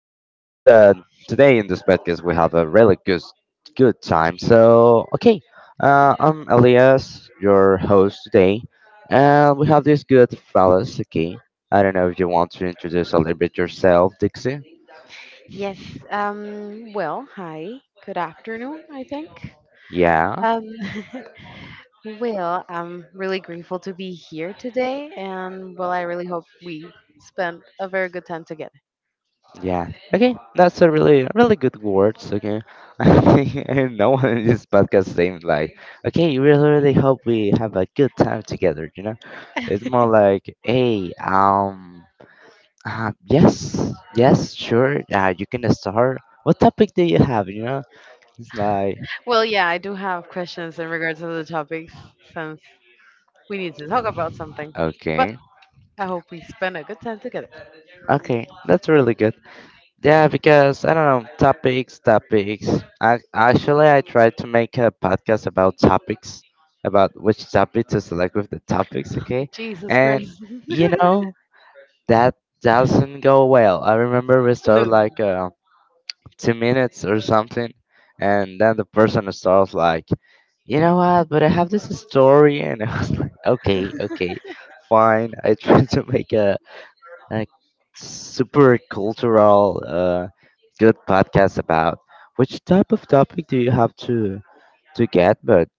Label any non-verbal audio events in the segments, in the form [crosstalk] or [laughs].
um, really hope that today in this podcast we have a really good time. I'm Elias, your host today, and we have this good fellas. Okay, I don't know if you want to introduce a little bit yourself, Dixie. Yes. Well, hi. Good afternoon, I think. Yeah, Um, [laughs] well, I'm really grateful to be here today, and, well, I really hope we spent a very good time together. yeah. Okay, that's a really good words. Okay, [laughs] I think no one in this podcast seemed like okay. You really hope we have a good time together. It's [laughs] more like hey, yes, sure, you can start. What topic do you have? You know, it's like Well, yeah, I do have questions in regards to the topics, since we need to talk about something, but okay, I hope we spend a good time together. okay that's really good. Yeah, because I don't know, topics. Actually, I tried to make a podcast about topics, about which topic to select with the topics, okay? Jesus And Christ. [laughs] you know, that doesn't go well. I remember we No. started like 2 minutes or something, and then the person starts like, you know what, but I have this story, [laughs] and I was like, okay, fine. I [laughs] tried to make a like super cultural, good podcast about. Which type of topic do you have to get? But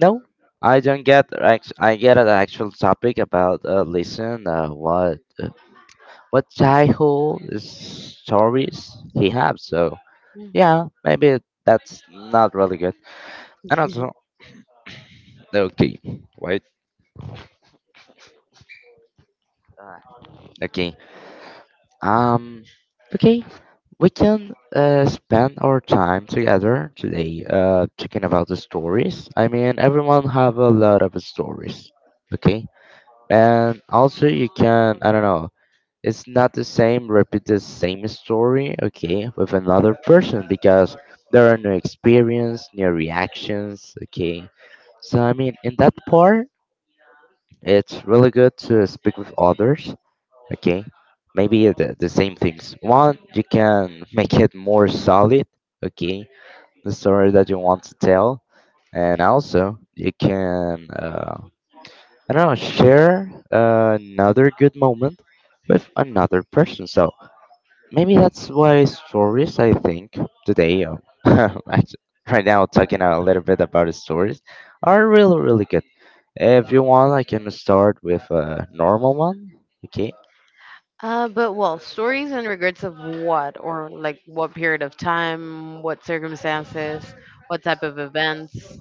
no, I don't get. Act- I get an actual topic about listen. What childhood stories he have? So Mhm. yeah, maybe that's not really good. And also [laughs] okay, wait, okay, um, okay. We can spend our time together today talking about the stories. I mean, everyone have a lot of stories, okay? And also you can, I don't know, it's not the same, repeat the same story, okay, with another person because there are new experience, new reactions, okay? So, I mean, in that part, it's really good to speak with others, okay, maybe the same things one you can make it more solid, okay, the story that you want to tell, and also you can, I don't know, share another good moment with another person. So maybe that's why stories, I think today, [laughs] act- right now talking a little bit about the stories are really good. If you want, I can start with a normal one, okay. But, well, stories and regrets of what, or like what period of time, what circumstances, what type of events.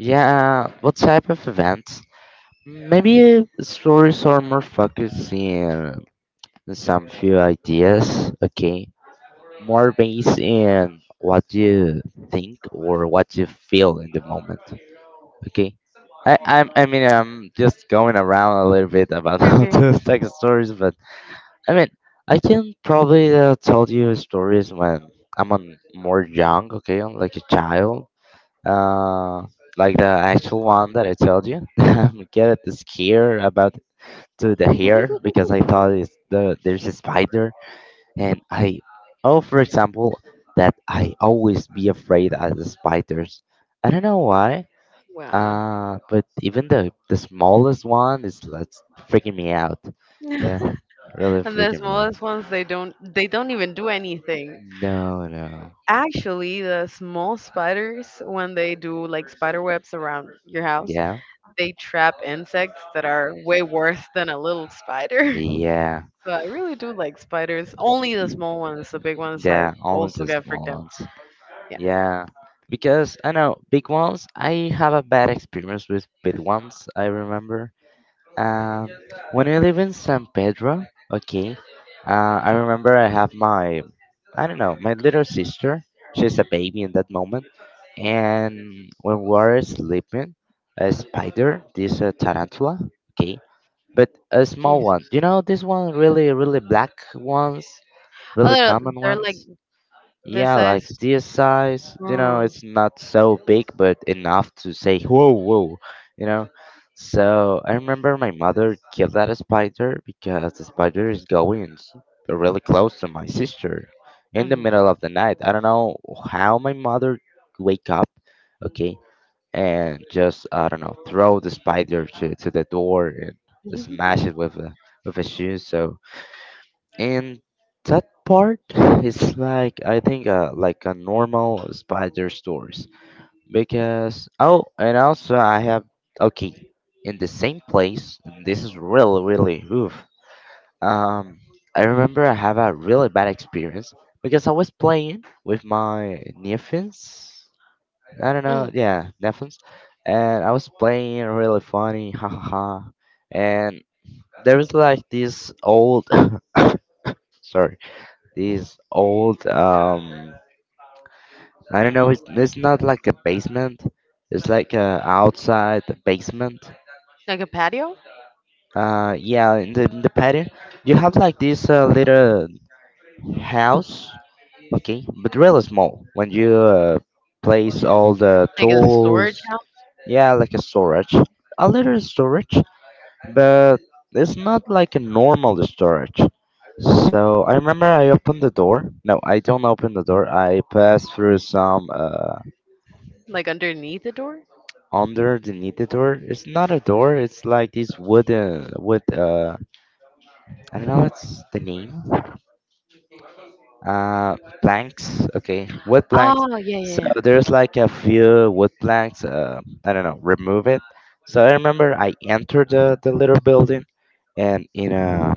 Yeah, what type of events? Maybe stories are more focused in some few ideas, okay? More based in what you think or what you feel in the moment, okay? I mean, I'm just going around a little bit about [laughs] how Okay. to take stories, but I mean, I can probably tell you stories when I'm on more young, okay? I'm like a child, uh, like the actual one that I told you. [laughs] I'm get scared about to the hair [laughs] because I thought it's the there's a spider. And I Oh, for example, that I always be afraid of the spiders. I don't know why. Wow. [laughs] But even the smallest one is that's freaking me out. Yeah, really And the freaking me out. smallest ones, they don't even do anything. No, no. Actually, the small spiders, when they do like spider webs around your house, Yeah. they trap insects that are way worse than a little spider. [laughs] Yeah. So I really do like spiders. Only the small ones. The big ones, Yeah. I Only also the get small freaked out. ones. Yeah. Yeah. Because I know big ones. I have a bad experience with big ones. I remember. Um, when I live in San Pedro, okay, I remember I have my, I don't know, my little sister. She's a baby in that moment, and when we are sleeping, a spider, this tarantula, okay, but a small one. Jesus. You know, this one really, really black ones, Oh, really they're, common they're like ones. this Yeah, like size. this size, you know, Mm. it's not so big, but enough to say, whoa, whoa, you know. So I remember my mother killed that spider because the spider is going really close to my sister in the Hmm. middle of the night. I don't know how my mother wake up, okay, and just I don't know throw the spider to the door and [laughs] smash it with a shoe. So and that part is like I think like a normal spider stories because oh and also I have okay in the same place and this is really really oof. um I remember I have a really bad experience because I was playing with my nephews. I don't know, Mm. yeah, nephews. And I was playing really funny, [laughs] ha ha ha, and there was like this old [laughs] [coughs] sorry, these old I don't know, it's not like a basement, it's like a outside basement. Like a patio? Yeah, in the patio, you have like this little house, okay, but really small when you, place all the Like a tools. storage house? Yeah, like a storage, a little storage, but it's not like a normal storage. So I remember I opened the door. No, I don't open the door. I passed through some. Like underneath the door? Under the knitted door. It's not a door. It's like this wooden wood. I don't know what's the name. Planks. Okay, wood planks. Oh, yeah, yeah, So yeah. there's like a few wood planks. I don't know. Remove it. So I remember I entered the little building, and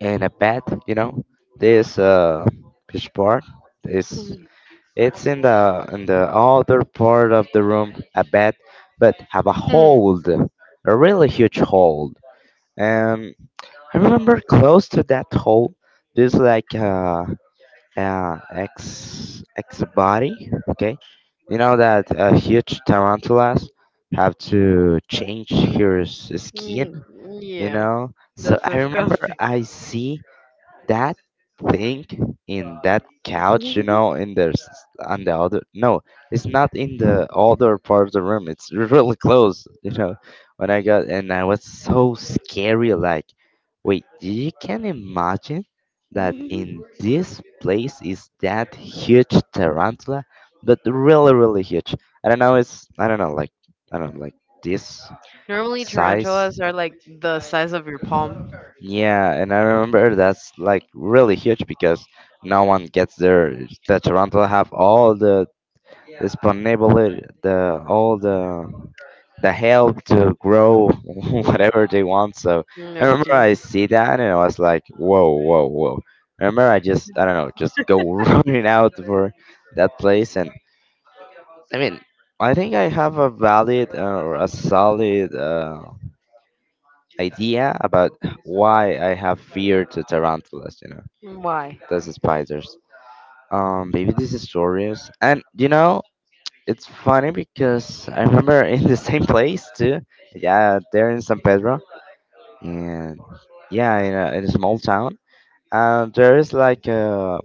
in a bed, you know, this fish bar. This Mhm. It's in the other part of the room, a bed, but have a Mm. hole, a really huge hole. And I remember close to that hole, there's like a ex body. Okay, you know that huge tarantulas have to change his skin. Mm. You Yeah. know, so That's I remember disgusting. I see that thing in that couch, you know, in the on the other, no, it's not in the other part of the room. It's [laughs] really close, you know. When I got and I was so scary, like, wait, you can imagine that [laughs] in this place is that huge tarantula, but really, really huge. I don't know. It's I don't know, like I don't know, like this Normally, size. tarantulas are like the size of your palm. Yeah, and I remember that's like really huge because no one gets there. The Toronto have all the disponibility, the all the help to grow [laughs] Mm. whatever they want. So I No, remember I jeez. see that and I was like, whoa, whoa, whoa. I remember I just I don't know, just go [laughs] running out for that place. And I mean, I think I have a valid or a solid idea about why I have fear to tarantulas. You know, Why? that's spiders. Maybe this is stories. And you know, it's funny because I remember [laughs] in the same place too. Yeah, there in San Pedro, and yeah, in a small town. There is like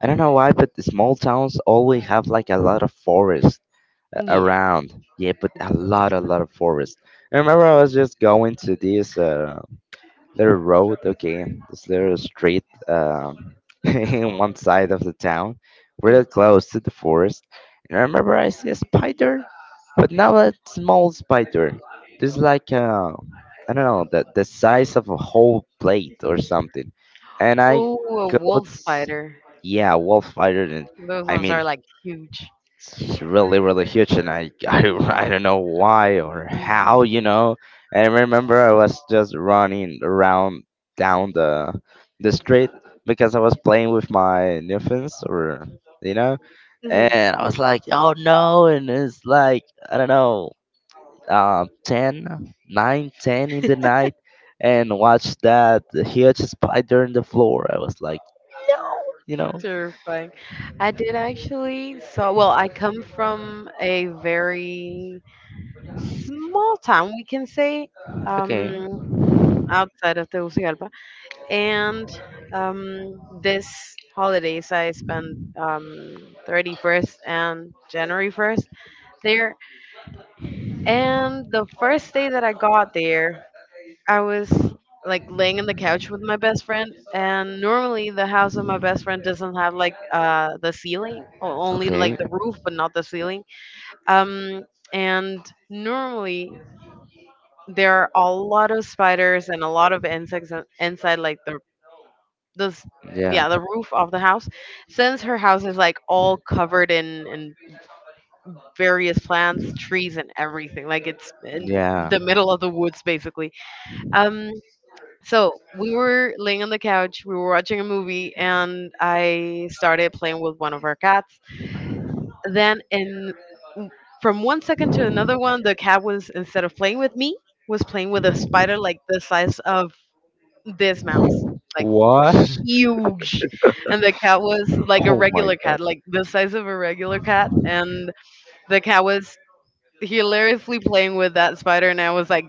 I don't know why, but the small towns always have like a lot of forest Yeah. around. Yeah, but a lot of forest. I remember I was just going to this. Little road, okay, this little street, [laughs] in one side of the town, real Mm. close to the forest. And I remember I see a spider, but now a small spider. This is like I don't know, the size of a whole plate or something. And I Oh, a wolf got, spider. yeah, wolf spider. And Those I ones mean are like huge. it's really really huge and I, [laughs] I don't know why or how, you know. I remember I was just running around down the street because I was playing with my newfins or, you know, Mhm. and I was like oh no and it's like I don't know, uh, 10, 9, 10 in the night and watch that huge spider in the floor, I was like, you know, Terrifying. I did, actually. So, well, I come from a very small town, we can say, okay, um, outside of Tegucigalpa. And, this holidays, I spent, 31st and January 1st there. And the first day that I got there, I was like laying on the couch with my best friend, and normally the house of my best friend doesn't have like the ceiling, or only like okay, the roof, but not the ceiling. Um, and normally there are a lot of spiders and a lot of insects inside like the, this, yeah. yeah, the roof of the house, since her house is like all covered in various plants, trees, and everything, like it's in Yeah. the middle of the woods basically. Um, So we were laying on the couch, we were watching a movie, and I started playing with one of our cats. Then, in from one second to another one, the cat was, instead of playing with me, was playing with a spider, like the size of this mouse, like What? [laughs] huge. And the cat was like a Oh my regular god. cat, like the size of a regular cat. And the cat was hilariously playing with that spider, and I was like,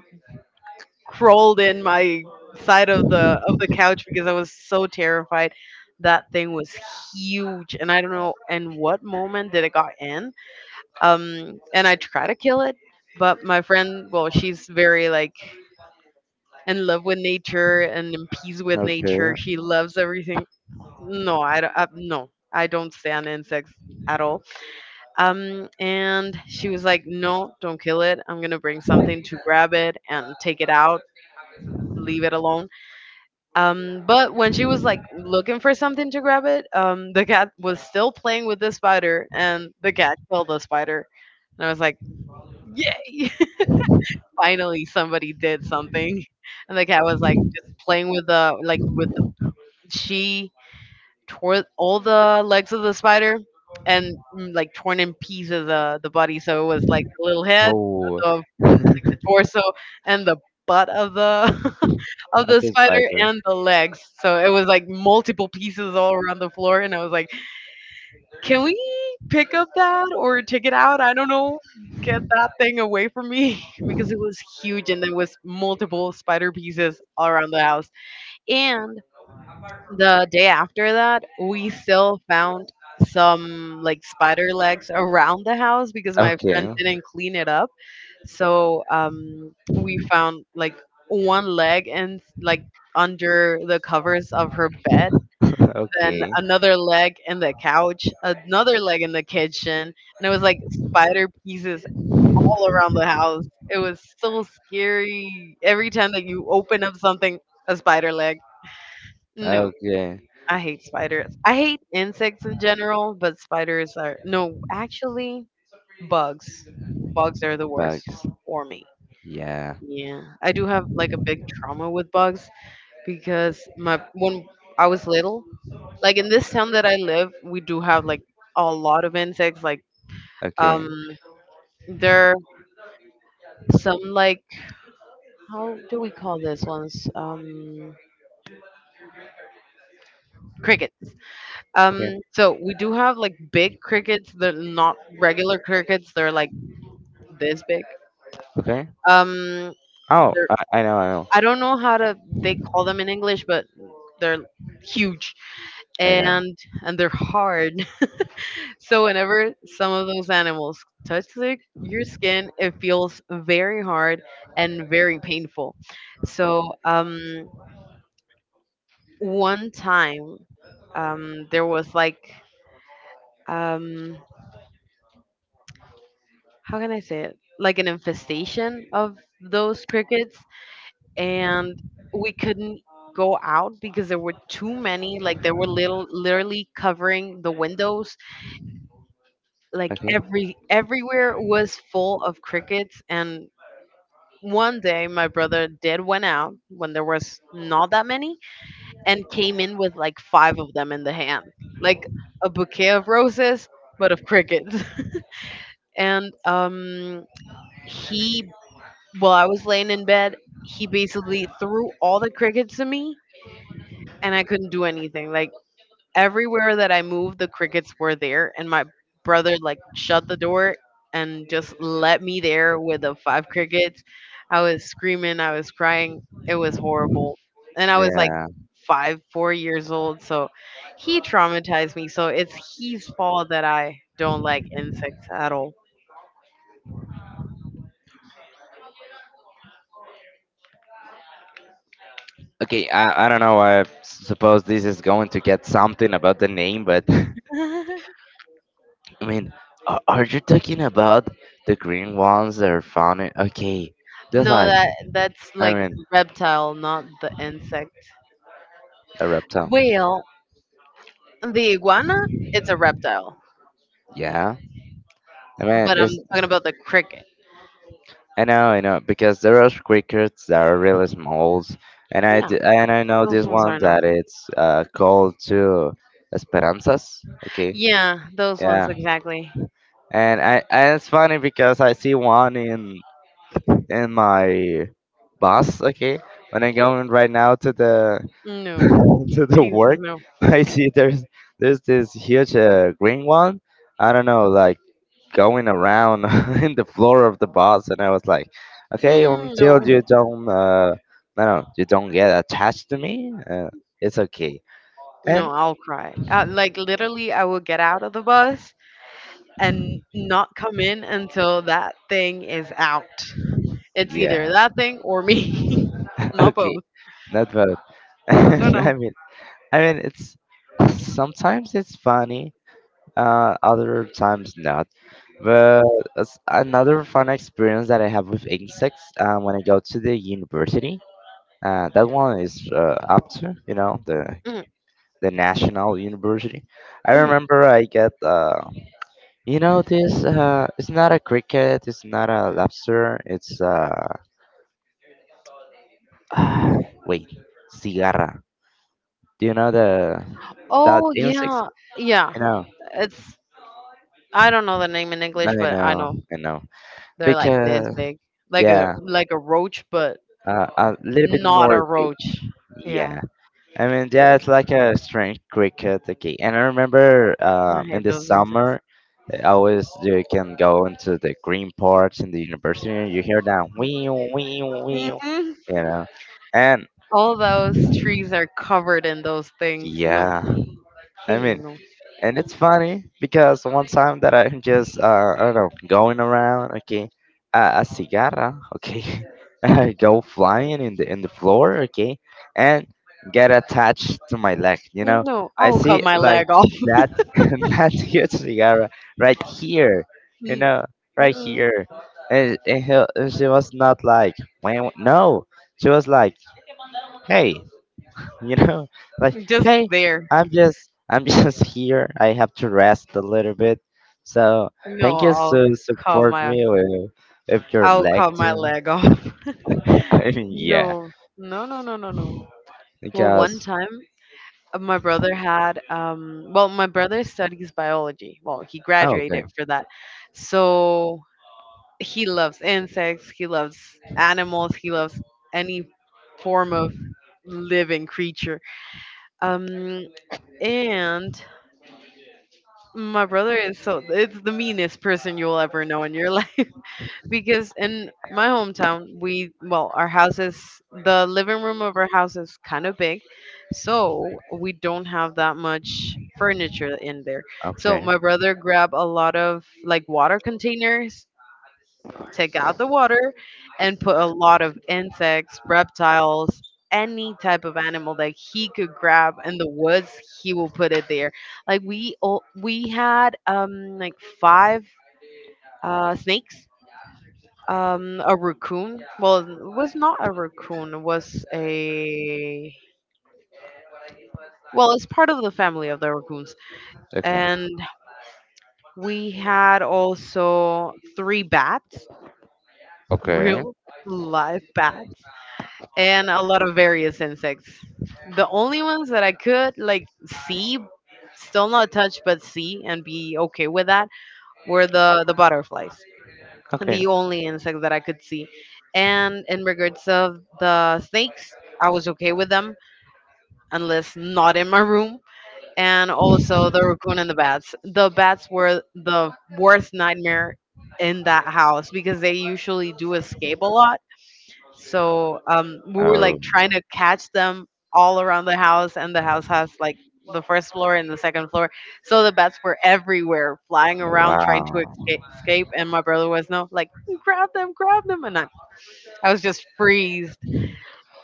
crawled in my side of the couch because I was so terrified. That thing was huge, and I don't know in what moment did it got in. And I try to kill it, but my friend, well, she's very like in love with nature and in peace with Okay. nature. She loves everything. No, I don't stand insects at all. And she was like, no, don't kill it, I'm gonna bring something to grab it and take it out, leave it alone. But when she was like looking for something to grab it, the cat was still playing with the spider, and the cat killed the spider. And I was like, "Yay! [laughs] Finally, somebody did something." And the cat was like just playing with the, like, with the, she tore all the legs of the spider, and, like, torn in pieces, the body. So it was like the little head, Oh. the, [laughs] like, the torso, and the butt of the [laughs] of Not the the spider spider. and the legs. So it was like multiple pieces all around the floor, and I was like, "Can we pick up that or take it out? I don't know. Get that thing away from me [laughs] because it was huge and there was multiple spider pieces all around the house." And the day after that, we still found some like spider legs around the house because my friend Okay. didn't clean it up. So, we found like one leg and, like, under the covers of her bed, [laughs] then Okay. another leg in the couch, another leg in the kitchen, and it was like spider pieces all around the house. It was so scary. Every time that you open up something, a spider leg. No. Okay. I hate spiders. I hate insects in general, but spiders are no, actually, bugs. Bugs are the worst Bugs. for me. Yeah. Yeah. I do have like a big trauma with bugs because my when I was little, like in this town that I live, we do have like a lot of insects, like, Okay. um there are some, like, how do we call this ones? Crickets. Okay. um so we do have like big crickets, they're not regular crickets, they're like this big. Okay. Um, Oh, they're, I know. I know. I don't know how to they call them in English, but they're huge I know. and and they're hard. [laughs] So whenever some of those animals touch your skin, it feels very hard and very painful. So, one time, there was like, um, how can I say it? Like an infestation of those crickets, and we couldn't go out because there were too many, like there were little literally covering the windows, like Okay. Everywhere was full of crickets. And one day my brother did went out when there was not that many and came in with like five of them in the hand, like a bouquet of roses, but of crickets. [laughs] And he, while I was laying in bed, he basically threw all the crickets to me, and I couldn't do anything. Like, everywhere that I moved, the crickets were there, and my brother like shut the door and just let me there with the five crickets. I was screaming, I was crying. It was horrible, and I was like Yeah. five, 4 years old, so he traumatized me. So it's his fault that I don't like insects at all. Okay, I don't know. I suppose this is going to get something about the name, but [laughs] I [laughs] No, mean, are you talking about the green ones that are found in? Okay, just like that that's I like mean, reptile, not the insect. a reptile. Well, the iguana, it's a reptile, Yeah, I mean, but I'm it's talking about the cricket. I know, because there are crickets that are really small, and and I know Those this ones one are no. that it's called to esperanzas. Okay, Yeah, those ones yeah, exactly. And it's funny because I see one in and my boss. Okay, when I'm going right now to the [laughs] No, to the Jesus, work, no. [laughs] I see there's this huge green one. I don't know, like going around [laughs] in the floor of the bus, and I was like, okay, Mm, no, until you don't, no, no, you don't get attached to me, it's okay. no. And I'll cry. Like, literally, I will get out of the bus and not come in until that thing is out. It's either yeah, that thing or me, [laughs] [laughs] not okay, both. not bad. [laughs] No, no, no. I mean, I mean, it's sometimes it's funny, other times not. But another fun experience that I have with insects when I go to the university, that one is up to, you know, the Mm. National university. I mm. remember I get, you know, this, it's not a cricket, it's not a lobster, it's, [sighs] wait, cigarra. Do you know that Oh, insects? yeah, yeah. I know, It's I don't know the name in English, I but I know, know I know. they're like this Because, big, yeah, like a roach, but a little bit not more. a roach. Yeah, Yeah, I mean, yeah, it's like a strange cricket. Okay, and I remember I in hate the those insects. summer, I always you can go into the green parts in the university, and you hear that wee wee wee, hmm know, and All those trees are covered in those things. No, yeah, I hey, mean, no, and it's funny because one time that I'm just, I don't know, going around, okay, a cigarra, okay, [laughs] I go flying in the floor, okay, and get attached to my leg. no, I I'll see cut my like leg off. that [laughs] that huge cigarra right here, you Mm. know, right Mm-mm. here, and she was not like, "Wah, wah," no, she was like, "Hey, you know [laughs] like Just hey there. I'm just I'm [laughs] just here. I have to rest a little bit, so No, thank you I'll to cut support my, me with, if you're I'll like cut my to." leg off. [laughs] [laughs] I mean, yeah, No, no, no, no, no, no. Well, one because. time, my brother had, well, my brother studies biology. Well, he Oh, okay, graduated for that. So he loves insects, he loves animals, he loves any form of living creature. Um, and my brother is, so it's the meanest person you'll ever know in your [laughs] life, because in my hometown, we well, our house is, the living room of our house is kind of big, so we don't have that much furniture in there. So okay, my brother grabbed a lot of like water containers, take out the water, and put a lot of insects, reptiles, any type of animal that he could grab in the woods, he will put it there. Like, we had, like, five snakes, a raccoon, well, it was not a raccoon, it was a, well, it's part of the family of the raccoons. okay, And we had also three bats, okay, real live bats, and a lot of various insects. The only ones that I could like see, still not touch but see and be okay with that, were the butterflies. okay. The only insect that I could see. And in regards of the snakes, I was okay with them, unless not in my room. And also the raccoon and the bats. The bats were the worst nightmare in that house because they usually do escape a lot. So, we were Oh, like trying to catch them all around the house, and the house has like the first floor and the second floor. So the bats were everywhere, flying around, trying to wow. Escape. And my brother was no like, grab them, and I was just freezed.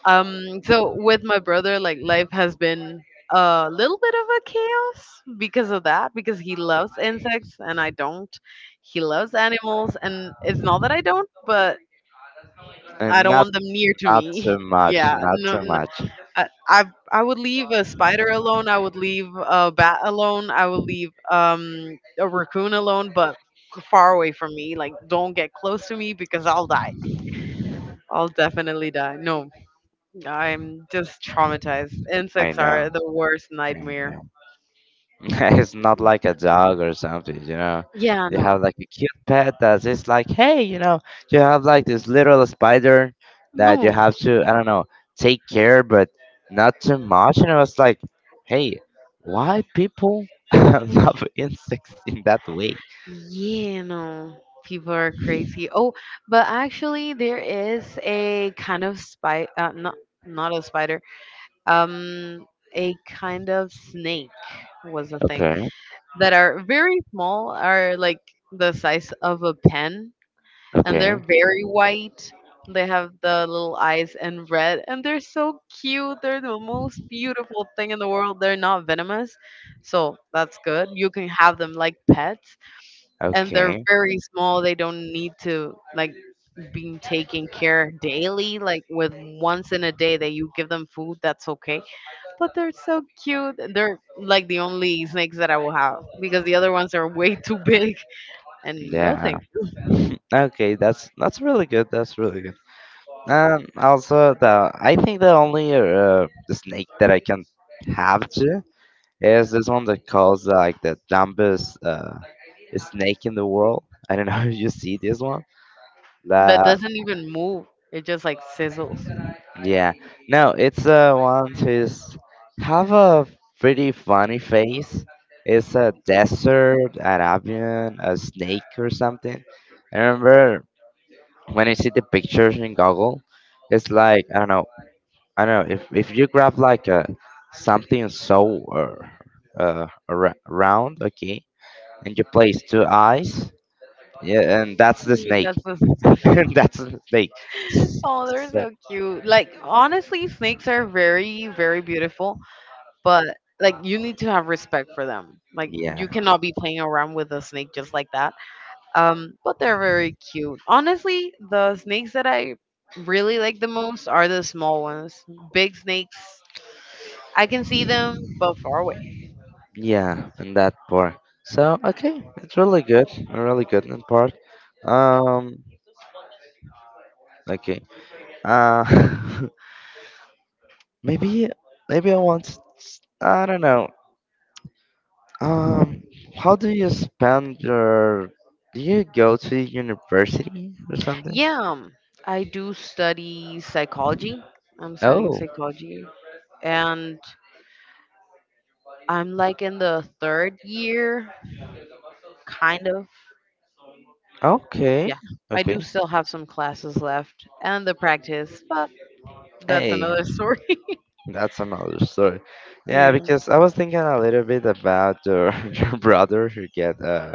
So with my brother, like, life has been a little bit of a chaos because of that, because he loves insects and I don't. He loves animals, and it's not that I don't, but I And don't not, want them near to not me. too [laughs] much, Yeah, not no, too no. much. I, I, I would leave a spider alone. I would leave a bat alone. I would leave a raccoon alone, but far away from me. Like, don't get close to me because I'll die. I'll definitely die. No, I'm just traumatized. I Insects are know, the worst I nightmare. know. [laughs] It's not like a dog or something, you know. Yeah, You have no, like a cute pet that's just like, hey, you have like this little spider that you no. have to, I don't know, take care, but not too much. And I was like, hey, why people [laughs] love insects in that way? Yeah, no, people are crazy. Oh, but actually, there is a kind of spider, not a spider, um, a kind of snake was the thing Okay, that are very small, are like the size of a pen, and they're okay, very white. They have the little eyes and red, and they're so cute. They're the most beautiful thing in the world. They're not venomous, so that's good. You can have them like pets and they're okay, very small. They don't need to like being taken care daily. Like with once in a day that you give them food, that's okay. But they're so cute. And they're like the only snakes that I will have because the other ones are way [laughs] too big. And no yeah. thank [laughs] Okay, that's really good. That's really good. And also, the I think the only snake that I can have to is this one that calls like the dumbest snake in the world. [laughs] I don't know [laughs] if you see this one. you. That The doesn't even move. It just like sizzles. [laughs] Yeah, no, it's one who's have a pretty funny face. It's a desert Arabian, a snake or something. I remember when I see the pictures in Google, it's like I don't know if you grab like a something so round, okay, and you place two eyes, yeah, and that's the snake. That's the [laughs] thing. [laughs] And that's the snake. Oh, they're So so cute. Like honestly, snakes are very, very beautiful. But like you need to have respect for them. Like yeah, you cannot be playing around with a snake just like that. But they're very cute. Honestly, the snakes that I really like the most are the small ones. Big snakes, I can see them, but far away. yeah, and that part. So, okay, it's really good, really good in part. Um, okay. Uh, [laughs] maybe maybe I want. I don't know. Um, how do you spend your? Do you go to university or something? Yeah, I do study psychology. I'm studying Oh, psychology, and I'm like in the third year, kind of. okay, Yeah, I okay. do still have some classes left and the practice, but that's Hey, another story. [laughs] that's another story. Yeah, Yeah. because I was thinking a little bit about your, [laughs] your brother who get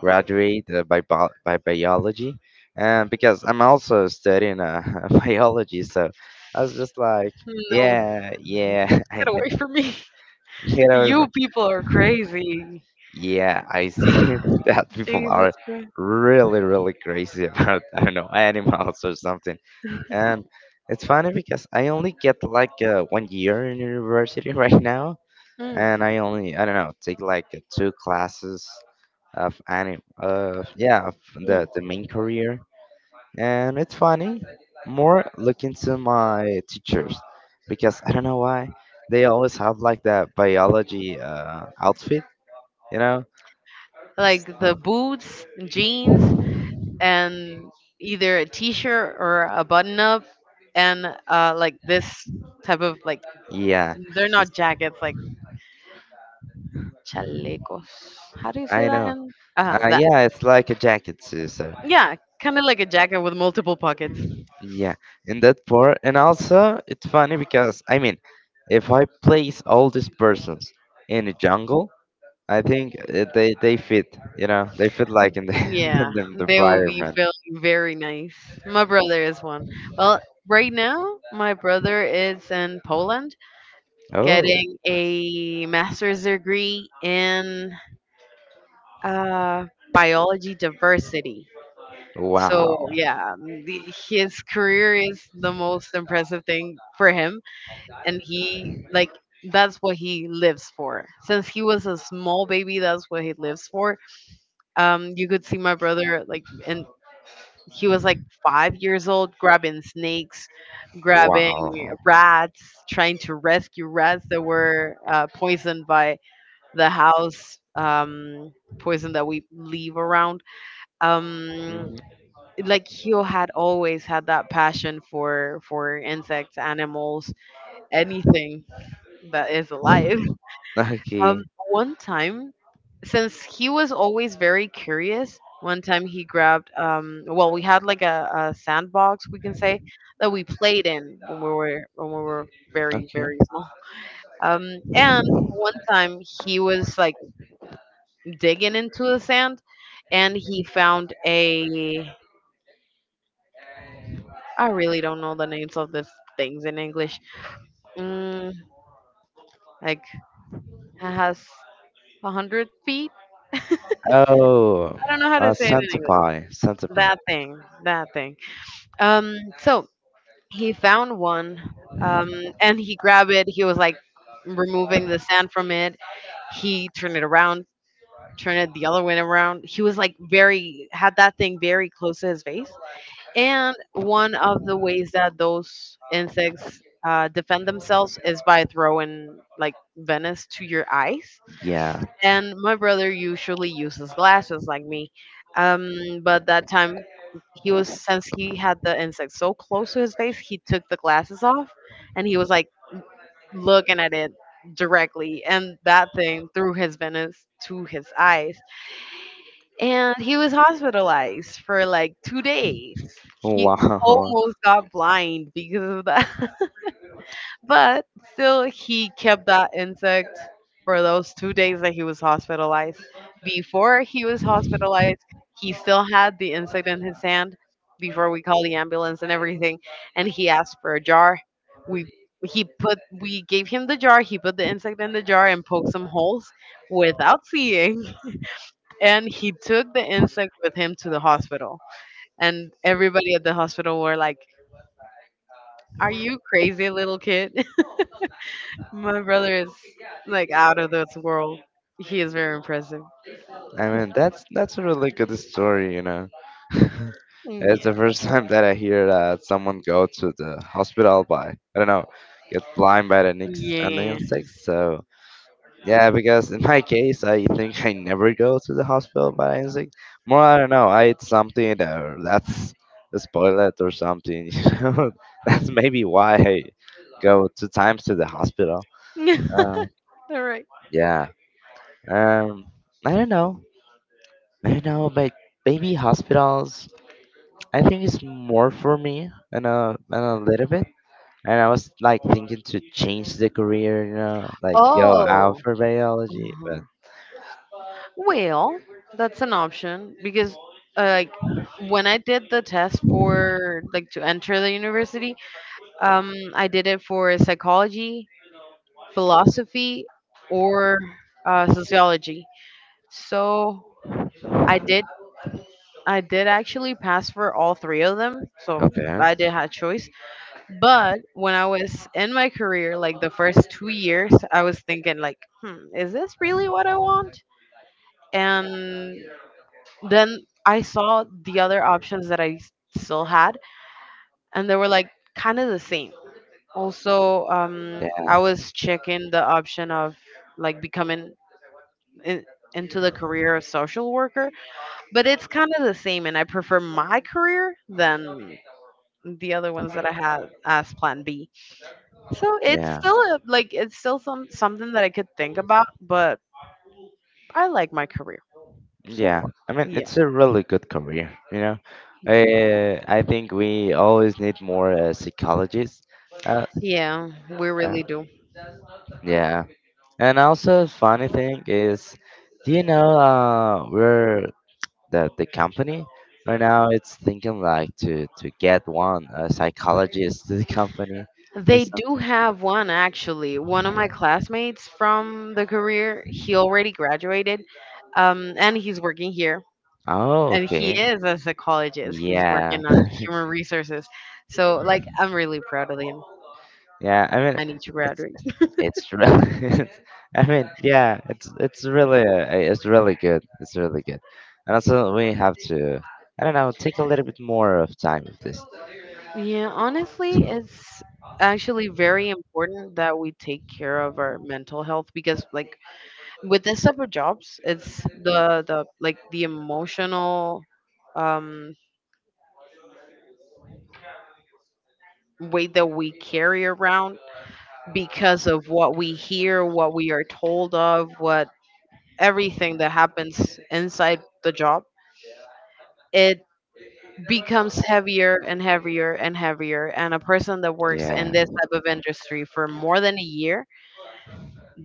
graduate, by biology, and because I'm also studying [laughs] biology, so I was just like, No, yeah, yeah, [laughs] [laughs] I get away know. from me. [laughs] Get You over. people are crazy. Yeah, I see [sighs] [laughs] that people Jesus are Christ. really, really crazy [laughs] about, I don't know, animals or something. And it's funny because I only get like 1 year in university [laughs] right now, Mm, and I only, I don't know, take like two classes yeah, of the mm. the main career. And it's funny, more looking to my teachers because I don't know why they always have like that biology outfit, you know. Like the boots, jeans, and either a t-shirt or a button-up, and like this type of like Yeah, they're it's- not jackets, like chalecos. How do you say I that? know. In? That Yeah, it's like a jacket too. So yeah, kind of like a jacket with multiple pockets. yeah, in that part, and also it's funny because I mean, if I place all these persons in a jungle, I think they fit. They fit like in the [laughs] in Yeah, the they will be environment. feeling very nice. My brother is one. Well, right now, my brother is in Poland Oh, getting a master's degree in uh, biology diversity. wow, So, yeah, his career is the most impressive thing for him. And he, like, that's what he lives for. Since he was a small baby, that's what he lives for. You could see my brother, like, in He was like 5 years old, grabbing snakes, grabbing wow. rats, trying to rescue rats that were poisoned by the house poison that we leave around. Um, Hmm. like he had always had that passion for insects, animals, anything that is alive. Okay, One time, since he was always very curious, one time he grabbed, well, we had like a sandbox, we can say, that we played in when we were very okay. very small. And one time he was like digging into the sand, and he found a. I really don't know the names of these things in English. Mm, like it has 100 feet. Oh, I don't know how to say it in Santa English. Pie, Santa Pie. That thing, that thing. So he found one, um, and he grabbed it. He was like removing the sand from it. He turned it around, turned it the other way around. He was like very had that thing very close to his face. And one of the ways that those insects defend themselves is by throwing like venomous to your eyes, Yeah. and my brother usually uses glasses like me. Um, but that time, he was since he had the insect so close to his face, he took the glasses off and he was like looking at it directly, and that thing through his veins to his eyes. And he was hospitalized for like 2 days. He Wow. almost got blind because of that. [laughs] But still, he kept that insect for those 2 days that he was hospitalized. Before he was hospitalized, he still had the insect in his hand before we called the ambulance and everything. And he asked for a jar. We he put we gave him the jar. He put the insect in the jar and poked some holes without seeing. And he took the insect with him to the hospital. And everybody at the hospital were like, "Are you crazy, little kid?" My brother is like out of this world. He is very impressive. I mean, that's a really good story. [laughs] It's the Yeah. first time that I hear that someone go to the hospital by, I don't know, get blind by the nicks and the Yeah. insects. So, yeah, because in my case, I think I never go to the hospital by insects. More, I don't know, I eat something that, that's spoiled or something, [laughs] you know. That's maybe why I go two times to the hospital. [laughs] Uh, All right. yeah. Um, I don't know. I know, but baby hospitals, I think it's more for me and a little bit. And I was like thinking to change the career, like go out Oh. for biology, but Mhm. Well, that's an option because like when I did the test for like to enter the university, I did it for psychology, philosophy, or sociology. So I did I did actually pass for all three of them. So okay, I did have choice. But when I was in my career, like the first 2 years, I was thinking like, hmm, is this really what I want? And then I saw the other options that I still had, and they were like kind of the same. Also, yeah, I was checking the option of like becoming in, into the career of social worker, but it's kind of the same, and I prefer my career than the other ones that I had as Plan B. So it's yeah, still like it's still something that I could think about, but I like my career so yeah. far. I mean, Yeah. it's a really good career. Yeah. I think we always need more psychologists. Uh, Yeah, we uh, really do. Yeah. And also, funny thing is, do you know where the company right now? It's thinking like to get one a psychologist to the company or They do something. have one actually. One of my classmates from the career, he already graduated, and he's working here. Oh, And he okay. is a psychologist. He's Yeah, working [laughs] on human resources. So, like, I'm really proud of him. yeah. I mean, I need to it's graduate. it's really. [laughs] I mean, yeah. It's really, it's really good. It's really good. And also, we have to. I don't know. Take a little bit more of time with this. Yeah, honestly, it's actually very important that we take care of our mental health because like with this type of jobs, it's the like the emotional um weight that we carry around because of what we hear, what we are told of, what everything that happens inside the job. It becomes heavier and heavier and heavier. And a person that works in Yeah, this type of industry for more than a year,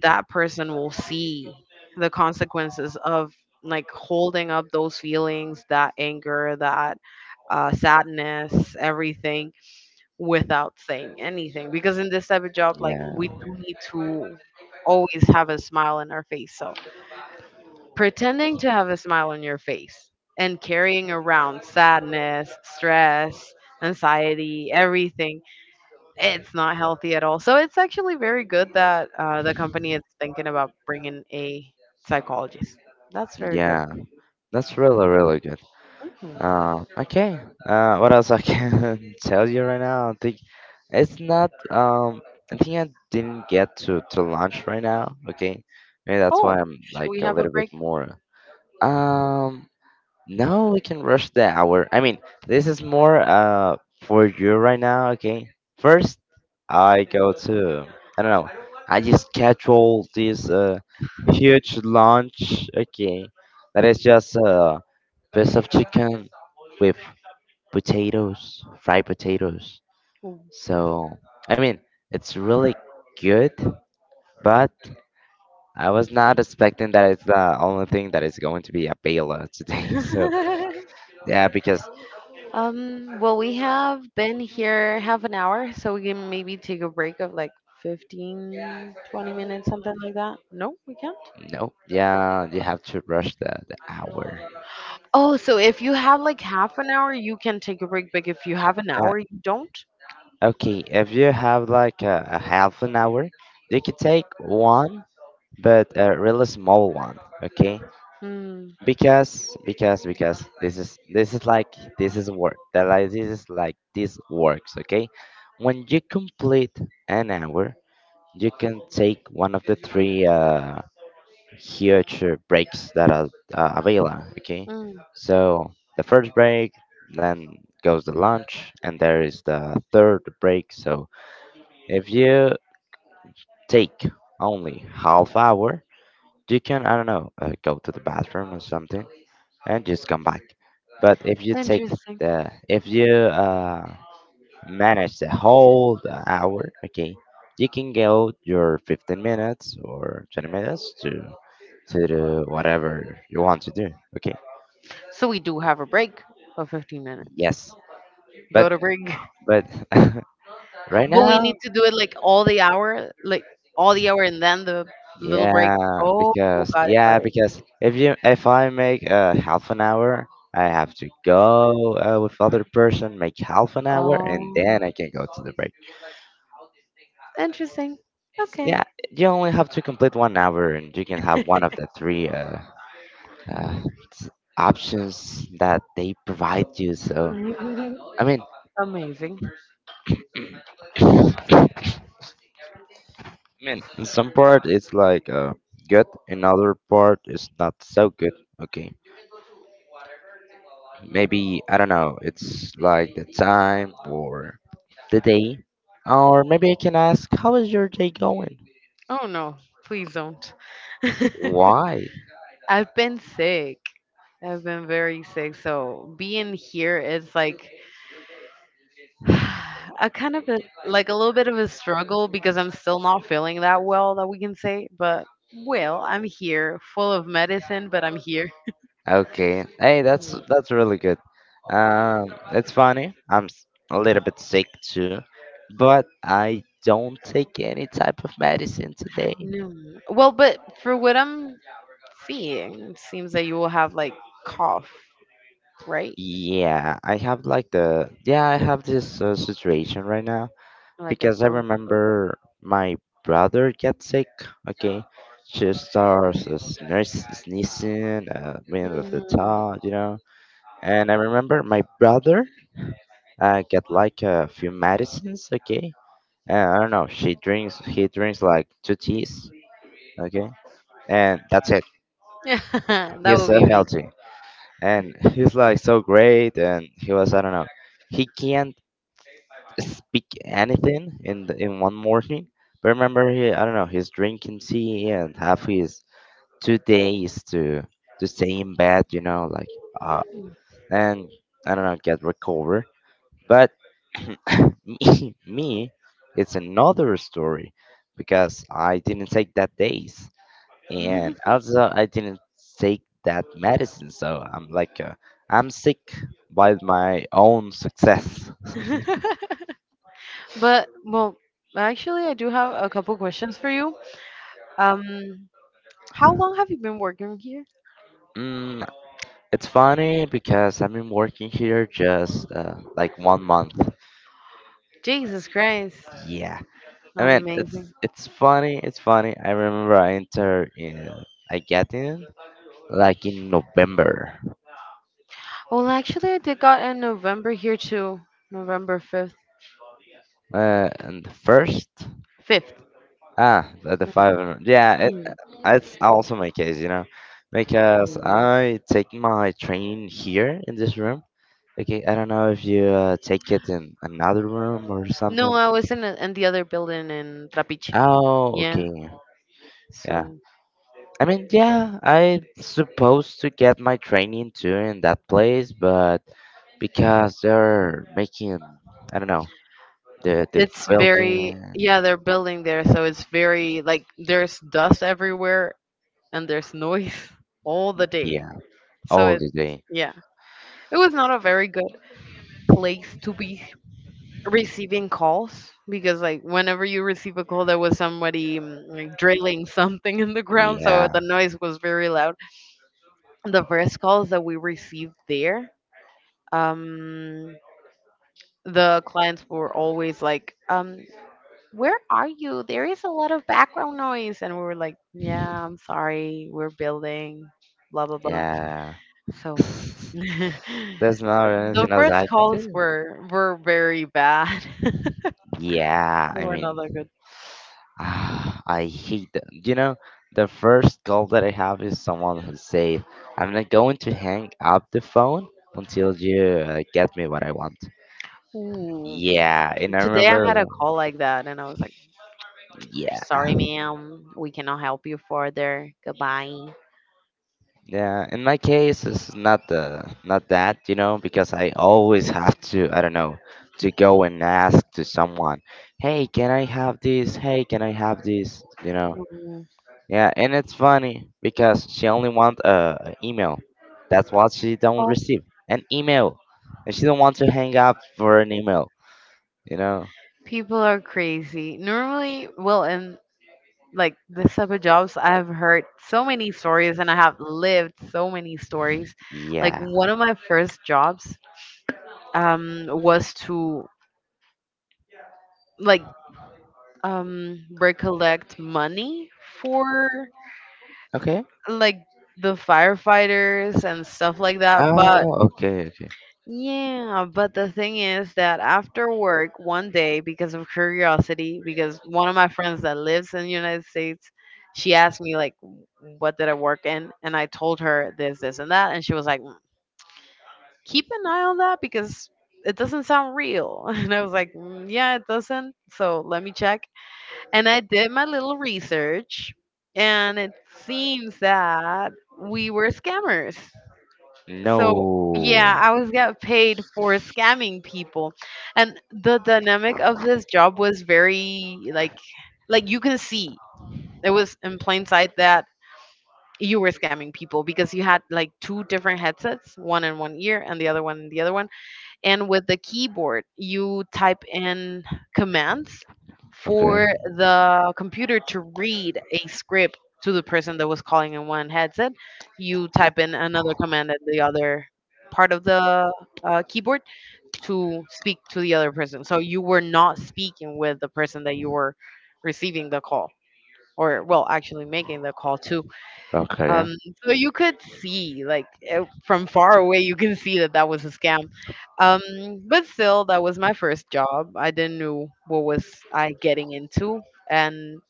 that person will see the consequences of like holding up those feelings, that anger, that sadness, everything without saying anything. Because in this type of job, like we yeah, do need to always have a smile on our face. So pretending to have a smile on your face and carrying around sadness, stress, anxiety, everything, it's not healthy at all. So it's actually very good that the company is thinking about bringing a psychologist. That's very good. yeah. That's really, really good. Mhm. Okay. What else I can [laughs] tell you right now? I think it's not. I think I didn't get to lunch right now. Okay, maybe that's Oh, why I'm should like we a have a little bit break? more. Um, No, we can rush the hour. I mean, this is more for you right now, okay? First, I go to, I don't know. I just schedule this huge lunch, okay? That is just piece of chicken with potatoes, fried potatoes. So, I mean, it's really good, but I was not expecting that it's the only thing that is going to be available today. [laughs] So, yeah, [laughs] because. Well, we have been here half an hour, so we can maybe take a break of like 15, 20 minutes, something like that. No, we can't. No, yeah, you have to rush the hour. Oh, so if you have like half an hour, you can take a break, but if you have an Uh, hour, you don't? okay, if you have like a half an hour, you could take one, but a really small one. Okay, Hmm. because this is like this is work. That like this is like this works. Okay, when you complete an hour, you can take one of the three huge breaks that are available. Okay, Hmm. so the first break, then goes the lunch, and there is the third break. So if you take only half hour, you can, I don't know, go to the bathroom or something and just come back. But if you Interesting. the if you uh, manage the whole the hour, okay, you can go your 15 minutes or 20 minutes to do whatever you want to do. Okay. So we do have a break of 15 minutes. Yes. Go But to break. [laughs] but [laughs] right But we now, need to do it like all the hour, like all the hour and then the little break. yeah, Oh, because got it, got yeah, it. because if I make half an hour, I have to go with other person, make half an hour, and Oh, then I can go to the break. interesting. Okay. Yeah, you only have to complete 1 hour, and you can have one of the three uh, options that they provide you. So [laughs] I mean. Amazing. [coughs] I mean, in some part it's like good, another part is not so good. Okay, maybe I don't know. It's like the time or the day, or maybe I can ask, how is your day going? Oh no, please don't. [laughs] Why? I've been sick. I've been very sick. So being here is like [sighs] I kind of like a little bit of a struggle because I'm still not feeling that well that we can say, but well, I'm here, full of medicine, but I'm here. Okay. Hey, that's Mm, that's really good. It's funny. A little bit sick too, but I don't take any type of medicine today. no. Well, but for what I'm seeing, it seems that you will have like cough, right? Yeah, I have like the yeah, I have this situation right now Like a because I sore throat. remember my brother get sick. Okay, she starts sneezing, middle of the Mhm. tongue. And I remember my brother get like a few medicines. Okay, and I don't know. She drinks. He drinks like two teas. Okay, and that's it. [laughs] That He's would so be me. healthy, and he's like so great. And he was, I don't know. He can't speak anything in one morning. But remember, he, I don't know, he's drinking tea and have his 2 days to stay in bed, like uh, and I don't know get recover. But [coughs] me, it's another story because I didn't take that days and also I didn't take that medicine, so I'm sick by my own success. [laughs] [laughs] But well, actually, I do have a couple questions for you. Um, how long have you been working here? Mm. It's funny because I've been working here just like 1 month. Jesus Christ. Yeah. I mean, it's Amazing. it's funny. It's funny. I remember I get in like in November, Well, actually, I did got in November here too. November 5th. And the first 5th. The Mhm. five hundred- Yeah, Mm, it's also my case, because mm. I take my training here in this room. Okay, I don't know if you take it in another room or No, something. I was in the other building in Trapiche. Oh, Yeah. okay. Yeah. So I mean, yeah, I supposed to get my training too in that place, but because they're making, I don't know, the it's building, very, yeah, they're building there. So it's very, like, there's dust everywhere and there's noise [laughs] all the day. yeah, So all it's, the day, yeah, it was not a very good place to be receiving calls, because like whenever you receive a call there was somebody like drilling something in the ground, so yeah, the noise was very loud. The first calls that we received there, um the clients were always like, where are you, there is a lot of background noise, and we were like, yeah, I'm sorry, we're building, blah blah blah. yeah. So [laughs] [laughs] There's not the anything else I first can calls do. were very bad, [laughs] they Yeah, I were not that mean, good. [sighs] I hate them. The first goal that I have is someone who says, "I'm not going to hang up the phone until you get me what I want." Ooh. Yeah, and I Today I remember, had a call like that, and I was like, yeah, "Sorry, ma'am, we cannot help you further. Goodbye." yeah. In my case, it's not the not that, because I always have to, I don't know, to go and ask to someone, hey, can I have this? Hey, can I have this? Mm. Yeah. And it's funny because she only want a email. That's what she don't Oh, receive, an email, and she don't want to hang up for an email. You know, people are crazy. Normally, well, in like this type of jobs, I've heard so many stories and I have lived so many stories. Like yeah. one of my first jobs was to like recollect money for Okay. like the firefighters and stuff like that, but. Oh, okay, okay. Yeah, but the thing is that after work one day, because of curiosity, because one of my friends that lives in the United States, she asked me like, "What did I work in?" And I told her this, this, and that, and she was like, "Mm, "Keep an eye on that because it doesn't sound real." [laughs] And I was like, "Mm, "Yeah, it doesn't. So let me check." And I did my little research, and it seems that we were scammers. So yeah, No. I was get paid for scamming people. And the dynamic of this job was very like you can see it was in plain sight that you were scamming people because you had like two different headsets, one in one ear and the other one in the other one, and with the keyboard you type in commands Okay. for the computer to read a script to the person that was calling in one headset. You type in another command at the other part of the keyboard to speak to the other person, so you were not speaking with the person that you were receiving the call or, well, actually making the call to. um Okay. so you could see like, from far away you can see that that was a scam. um but still, that was my first job. I didn't know what was I getting into, and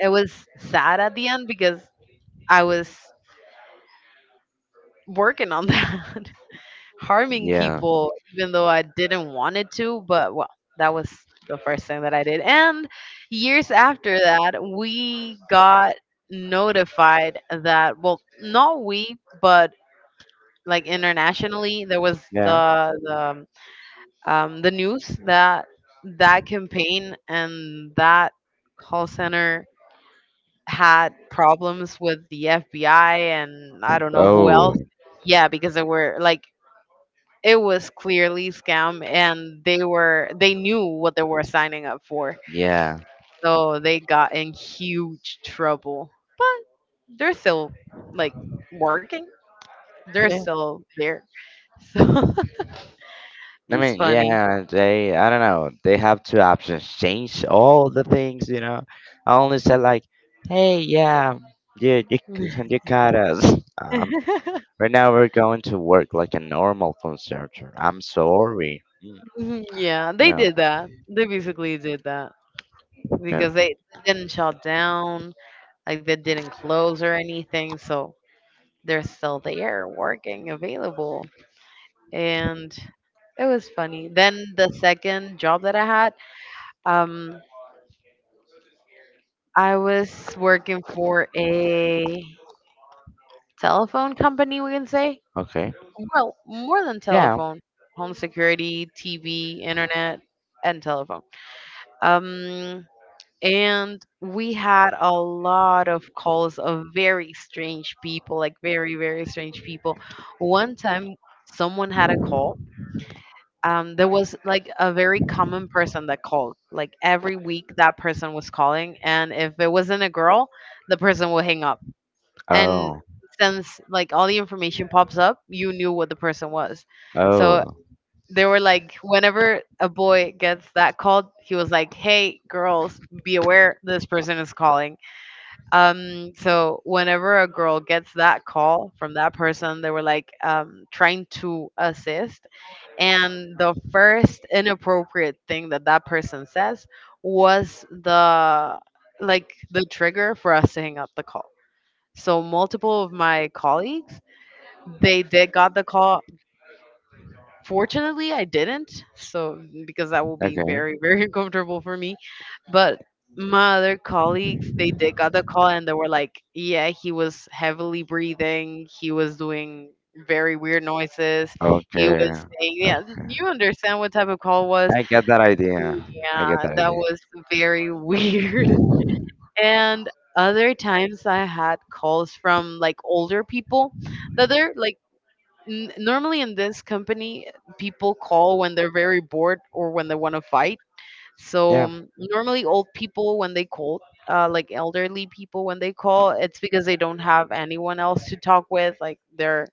it was sad at the end because I was working on that, [laughs] harming Yeah. people even though I didn't want it to. But, well, that was the first thing that I did, and years after that we got notified that, well, not we, but like internationally there was Yeah. the news that that campaign and that call center had problems with the FBI and I don't know who else. Oh. Yeah, because they were like it was clearly scam, and they knew what they were signing up for. Yeah. So they got in huge trouble. But they're still like working. They're Okay. still there. [laughs] So [laughs] it I was mean, funny. yeah, they, I don't know, they have two options. Change all the things, you know. I only said, like, hey, yeah, c- [laughs] you got us. Um, Mhm. right now we're going to work like a normal phone searcher. I'm sorry. Yeah, You they know, did that. They basically did that yeah, because they didn't shut down, like they didn't close or anything, so they're still there, working, available, and it was funny. Then the second job that I had, um, I was working for a telephone company, we can say. okay. Well, more than Yeah. telephone, home security, TV, internet, and telephone. Um, and we had a lot of calls of very strange people, like very very strange people. One time, someone had a call. There was like a very common person that called like every week. That person was calling, and if it wasn't a girl, the person would hang up, and Oh, since like all the information pops up, you knew what the person was. So oh, they were like, whenever a boy gets that called, he was like, hey, girls, be aware, this person is calling. So whenever a girl gets that call from that person, they were like, trying to assist, and the first inappropriate thing that that person says was the, like, the trigger for us to hang up the call. So multiple of my colleagues, they did got the call. Fortunately, I didn't. So, because that will be okay, very, very [laughs] uncomfortable for me. But my other colleagues, they did got the call, and they were like, yeah, he was heavily breathing. He was doing very weird noises. He okay, was saying, yeah, okay. you understand what type of call was. I get that idea. I get Yeah, that that idea. was very [laughs] weird. And other times I had calls from like older people that they're like, normally in this company, people call when they're very bored or when they want to fight. So Yeah. Normally old people when they call, like elderly people when they call, it's because they don't have anyone else to talk with, like their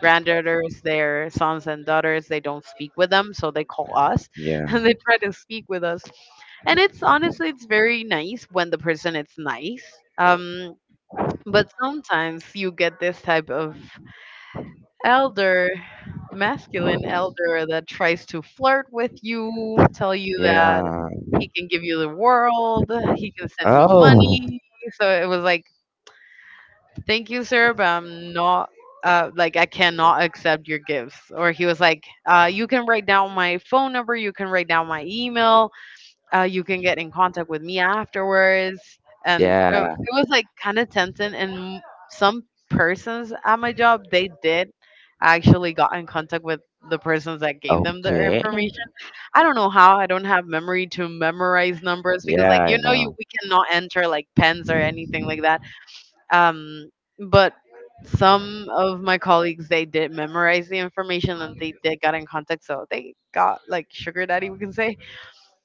granddaughters, their sons and daughters. They don't speak with them, so they call us, [laughs] Yeah. and they try to speak with us, and it's honestly, it's very nice when the person is nice. But sometimes you get this type of elder, masculine elder that tries to flirt with you, tell you that Yeah. he can give you the world, he can send you Oh. money. So it was like, thank you, sir, but I'm not. Like, I cannot accept your gifts. Or he was like, you can write down my phone number, you can write down my email, you can get in contact with me afterwards. And Yeah. it was like kind of tempting. And some persons at my job, they did actually got in contact with the persons that gave them the Okay. information. I don't know how. I don't have memory to memorize numbers because, Yeah, like, I you know, you know. we cannot enter like pens or anything like that. Um, but some of my colleagues, they did memorize the information, and they did got in contact, so they got like sugar daddy, we can say.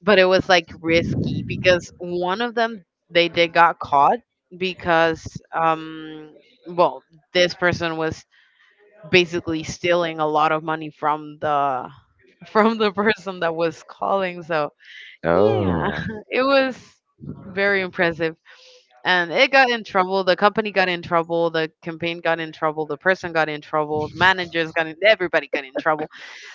But it was like risky because one of them, they did got caught because well, this person was basically stealing a lot of money from the [laughs] from the person that was calling. So yeah, Oh. [laughs] it was very impressive, and it got in trouble, the company got in trouble, the campaign got in trouble, the person got in trouble, managers got in, everybody got in trouble.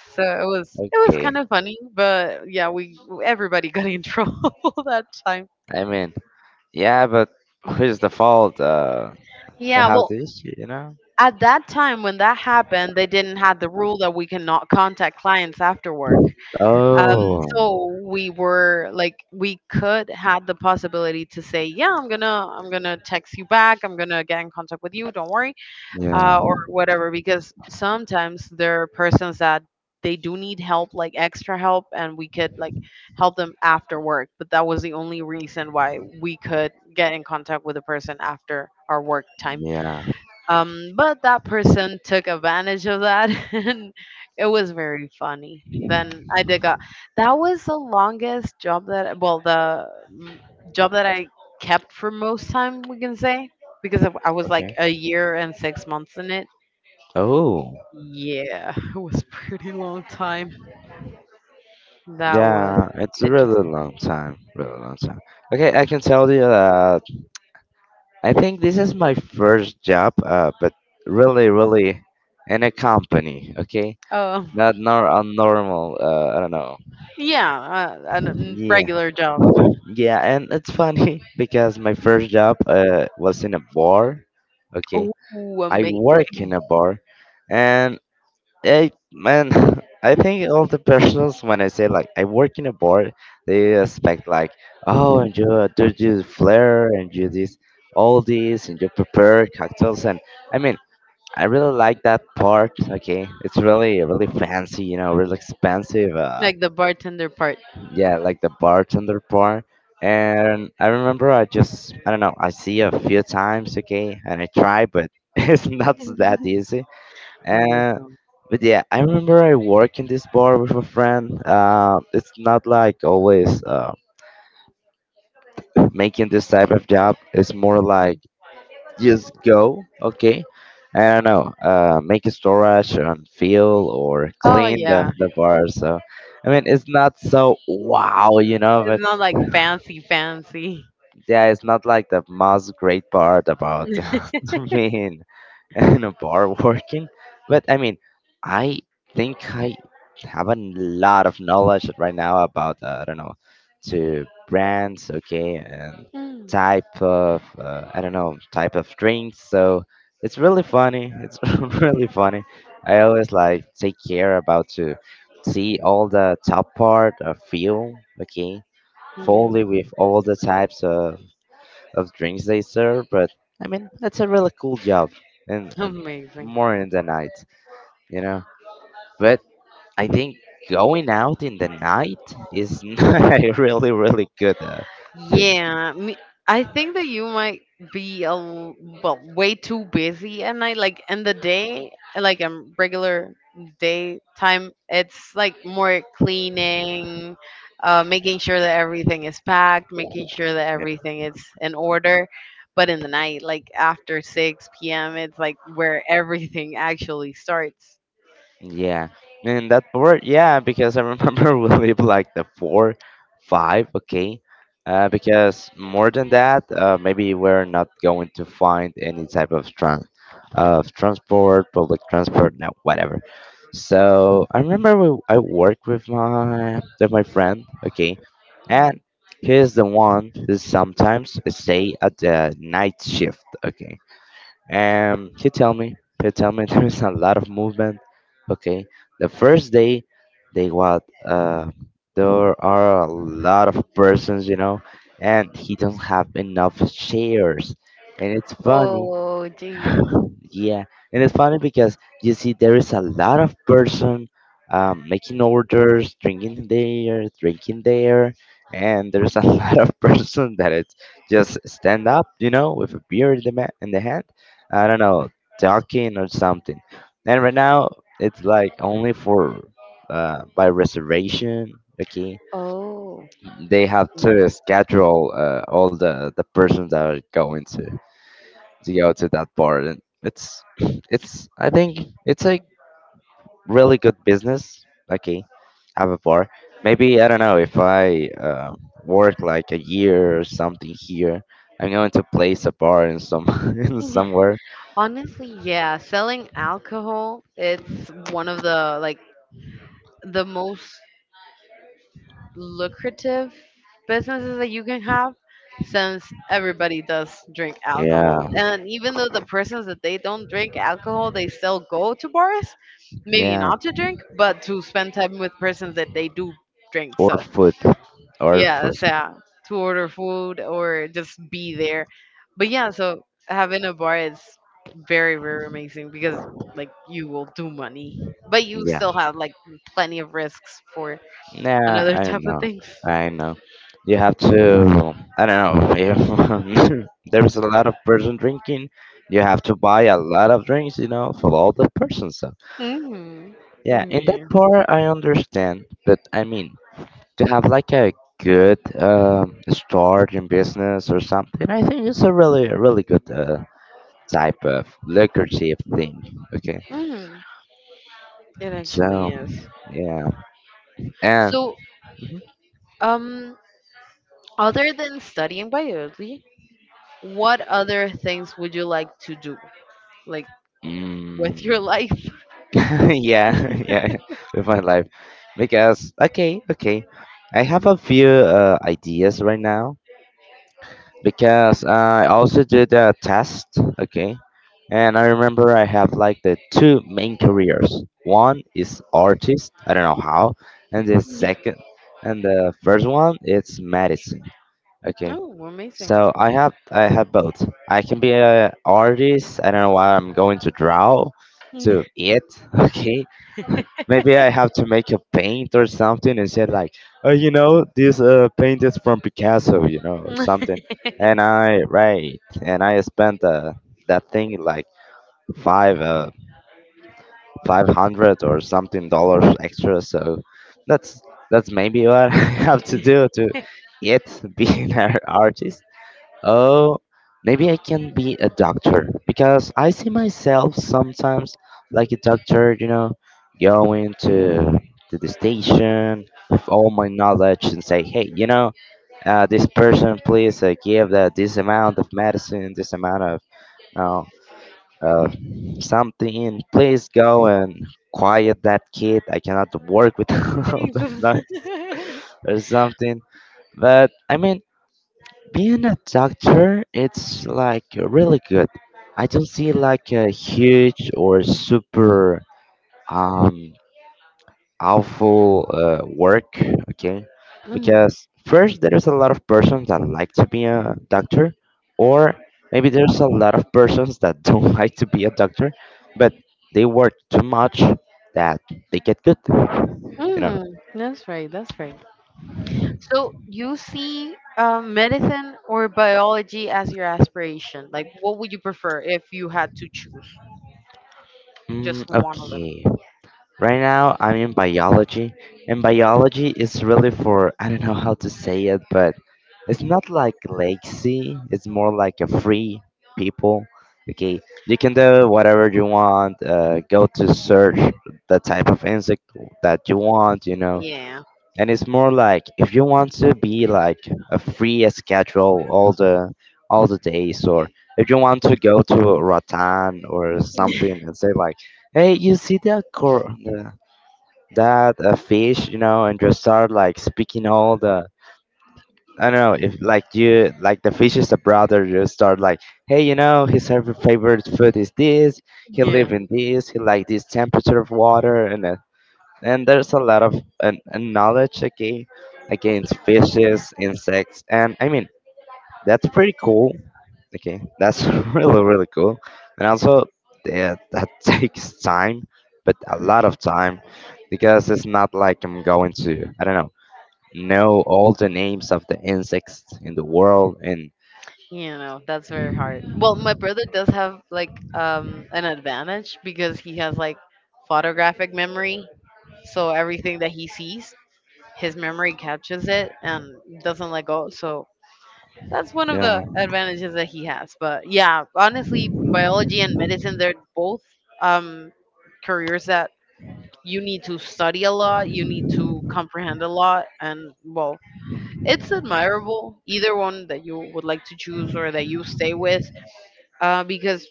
So it was Okay. kind of funny, but yeah, we everybody got in [laughs] trouble that time. I mean, yeah, but who's the fault? I Yeah, have well, the issue, you know. at that time when that happened, they didn't have the rule that we cannot contact clients after work. Um, Oh. so we were like, we could have the possibility to say, yeah, I'm gonna text you back. I'm gonna get in contact with you. Don't worry. Yeah. Or whatever, because sometimes there are persons that they do need help, like extra help, and we could like help them after work. But that was the only reason why we could get in contact with a person after our work time. Yeah. But that person took advantage of that, [laughs] and it was very funny. Then I did got that was the longest job that, well, the mm, job that I kept for most time, we can say, because I was like Okay. a year and 6 months in it. Oh. Yeah, [laughs] it was pretty long [laughs] time. That was Yeah, it's a interesting. really long time. Really long time. Okay, I can tell you that I think this is my first job, but really, really in a company, okay? Oh Not nor a normal, I don't know. yeah, a Yeah, regular job. yeah, and it's funny [laughs] because my first job was in a bar, okay? Oh, I amazing! work in a bar, and I, man, [laughs] I think all the persons, when I say like I work in a bar, they expect like, oh, and you do you flair and you this, all this, and you prepare cocktails, and I mean, I really like that part. Okay, it's really really fancy, you know, really expensive. Like the bartender part. Yeah, like the bartender part. And I remember I don't know I see a few times. Okay, and I try, but [laughs] it's not that easy. No way. Uh, but yeah, I remember I work in this bar with a friend. It's not like always making this type of job. It's more like Mm. just go okay I don't know make a storage and fill or Oh clean yeah, the bar so I mean it's not so wow you know it's but not like fancy, fancy. yeah, it's not like the most great part about [laughs] being in a bar working, but I mean, I I have a lot of knowledge right now about I don't know to brands, okay, and [laughs] Mm, type of I don't know type of drinks. So it's really funny. It's [laughs] really funny. I always like take care about to see all the top part of feel, okay, mm. fully with all the types of drinks they serve, but I mean, that's a really cool job and Amazing. more in the night, you know. But I think going out in the night is [laughs] not a really, really good thing. Yeah, me, I think that you might be well, way too busy at night. Like in the day, like a regular daytime, it's like more cleaning, making sure that everything is packed, making sure that everything is in order. But in the night, like after 6 p.m., it's like where everything [laughs] actually starts. Yeah, and that board, yeah, because I remember [laughs] we live like the four, five, okay, because more than that, maybe we're not going to find any type of trans, of transport, public transport, no, whatever. So I remember I worked with my friend, okay, and Mm. he's the one who sometimes stay at the night shift, okay? And he tell me [laughs] there's a lot of movement. Okay, the first day, they what? There are a lot of persons, you know, and he doesn't have enough chairs. And it's funny Oh, Jesus. yeah, and it's funny because you see there is a lot of person making orders, drinking there, and there's a [laughs] lot of person that it's just stand up, you know, with a beer in in the hand. I don't know, talking or something. And right now it's like only for by reservation. Okay, Oh. they have Nice. to schedule all the persons that are going to go to that part. And it's I think it's a really good business. Okay, have a bar. Maybe I don't know if I work like a year or something here. I'm going to place a bar in some [laughs] in [laughs] somewhere. Honestly, yeah, selling alcohol, it's one of the most lucrative businesses that you can have, since everybody does drink alcohol. Yeah, And even though the persons that they don't drink alcohol, they still go to bars, maybe yeah, not to drink, but to spend time with persons that they do drink. or So. food, or food. Yes, yeah. To order food or just be there. But yeah, so having a bar is very, very amazing because like you will do money, but you Yeah. still have like plenty of risks for Nah, another I [laughs] don't type of know. things. I know. You have to. I don't know. If [laughs] there's a lot of person drinking, you have to buy a lot of drinks, you know, for all the persons. So Hmm. yeah, in that Yeah. part I understand, but I mean to have like a good start in business or something, I think it's a really, really good type of lucrative thing. Okay, Hmm. It so actually is. yeah, and. So, um, other than studying biology, what other things would you like to do, like, with your Mhm. life? [laughs] yeah, [laughs] yeah, with my life. Because okay, okay, I have a few ideas right now because I also did a test. Okay, and I remember I have like the two main careers. One is artist. I don't know how, and the [laughs] second and the first one it's medicine. Okay. Oh, amazing. So I have both. I can be a artist. I don't know what I'm going to draw, to eat. [laughs] Okay, Maybe I have to make a paint or something and say like, oh, you know, this paint is from Picasso, you know, [laughs] something. And I right, and I spent that thing like five uh, 500 or something dollars extra. So that's that's maybe what [laughs] I have to do to yet be [laughs] an ar- artist. Oh, maybe I can be a doctor because I see myself sometimes like a doctor, you know, going to the station with all my knowledge and say, hey, you know, this person, please give this amount of medicine, this amount of, you know, uh, something. Please go and quiet that kid. I cannot work with [laughs] all that Jesus. noise [laughs] or something. But I mean, being a doctor, it's like really good. I don't see like a huge or super um awful work, okay? Mm, Because first there's a lot of persons that like to be a doctor, or maybe there's a lot of persons that [laughs] don't like to be a doctor, but they work too much that they get good, you know. mm, that's right. That's right. So you see, medicine or biology as your aspiration? Like, what would you prefer if you had to choose Mm, just one of them? okay. Right now, I'm in biology, and biology is really for I don't know how to say it, but it's not like lazy. It's more like a free people. Okay, you can do whatever you want. Go to search the type of insect that you want. You know, Yeah. and it's more like if you want to be like a free schedule all the days, or if you want to go to Rotan or something [laughs] and say like. Hey, you see that cor- the that a fish, you know, and just start like speaking all the I don't know if like you like the fish is a brother, you start like, hey, you know, his favorite food is this. He live Yeah, in this. He like this temperature of water, and there's a lot of an knowledge again against fishes, insects, and I mean that's pretty cool Okay, that's [laughs] really really cool. And also, yeah, that [laughs] takes time, but a lot of time, because it's not like I'm going to I don't know all the names of the insects in the world. And that's very hard. Well, my brother does have like an advantage because he has like photographic memory, so everything that he sees, his memory captures it and doesn't let go. So that's one of yeah, the advantages that he has. But yeah, honestly, biology and medicine, they're both um, careers that you need to study a lot, you need to comprehend a lot. And, well, it's admirable, either one that you would like to choose or that you stay with, because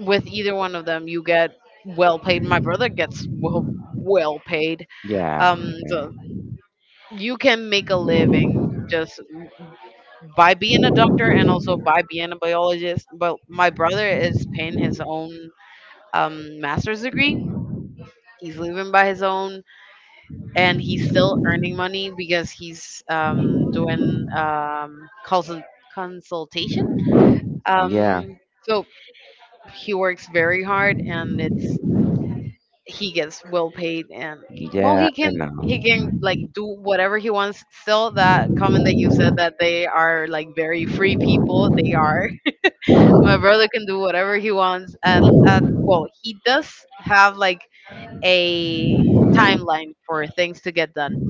with either one of them, you get well paid. My brother gets well, well paid. yeah, So you can make a living just by being a doctor and also by being a biologist. But my brother is paying his own yeah, master's degree. He's living by his own, and he's still earning money because he's doing consultation. Yeah. So he works very hard, and it's he gets well paid, and, well, Yeah, he I can know. he can like do whatever he wants. Still, that comment that you said that they are like very free people, they are. My brother can do whatever he wants. At well, he does have like a timeline for things to get done.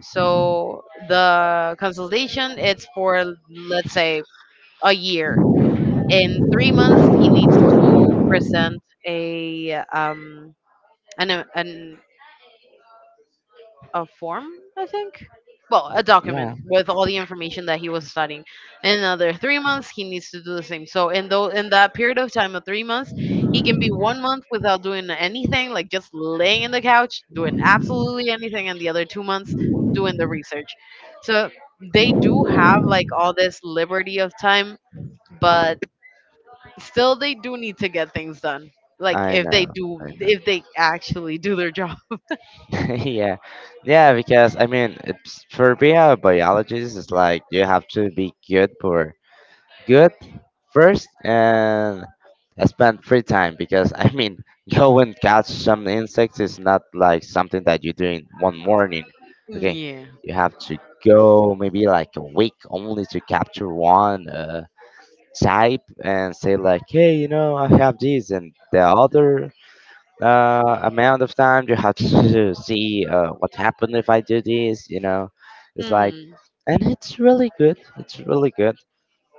So the consultation, it's for, let's say, a year. In 3 months, he needs to present a an a form, I think. Well, a document Yeah. with all the information that he was studying. In another 3 months, he needs to do the same. So in that period of time of 3 months, he can be one month without doing anything, like just laying in the couch, doing absolutely anything, and the other 2 months doing the research. So they do have like all this liberty of time, but still they do need to get things done. Like I if they know. do, I if they actually do their job. know. [laughs] yeah. Yeah, because I mean, it's, for being a biologist, it's like you have to be good for good first and I spent free time because I mean [laughs] go and catch some insects is not like something that you do in one morning. Okay. Yeah. You have to go maybe like a week only to capture one type and say like hey you know I have these and the other amount of time you have to [laughs] see what happened if I do this you know it's like hmm and it's really good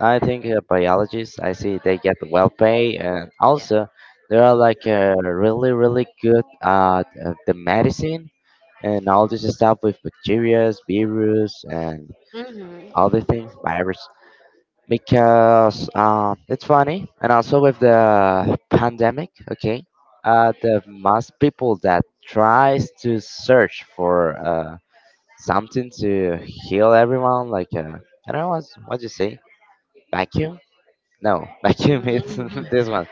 I think biologists, I see they get well paid, and also they are like really, really good at the medicine and all this stuff with bacteria, virus, and Mhm. all the things, virus. Because it's funny, and also with the pandemic, okay, the most people that tries to search for something to heal everyone, like I don't know what you say, vacuum no, [laughs] vacuum is [laughs] Mhm. this one.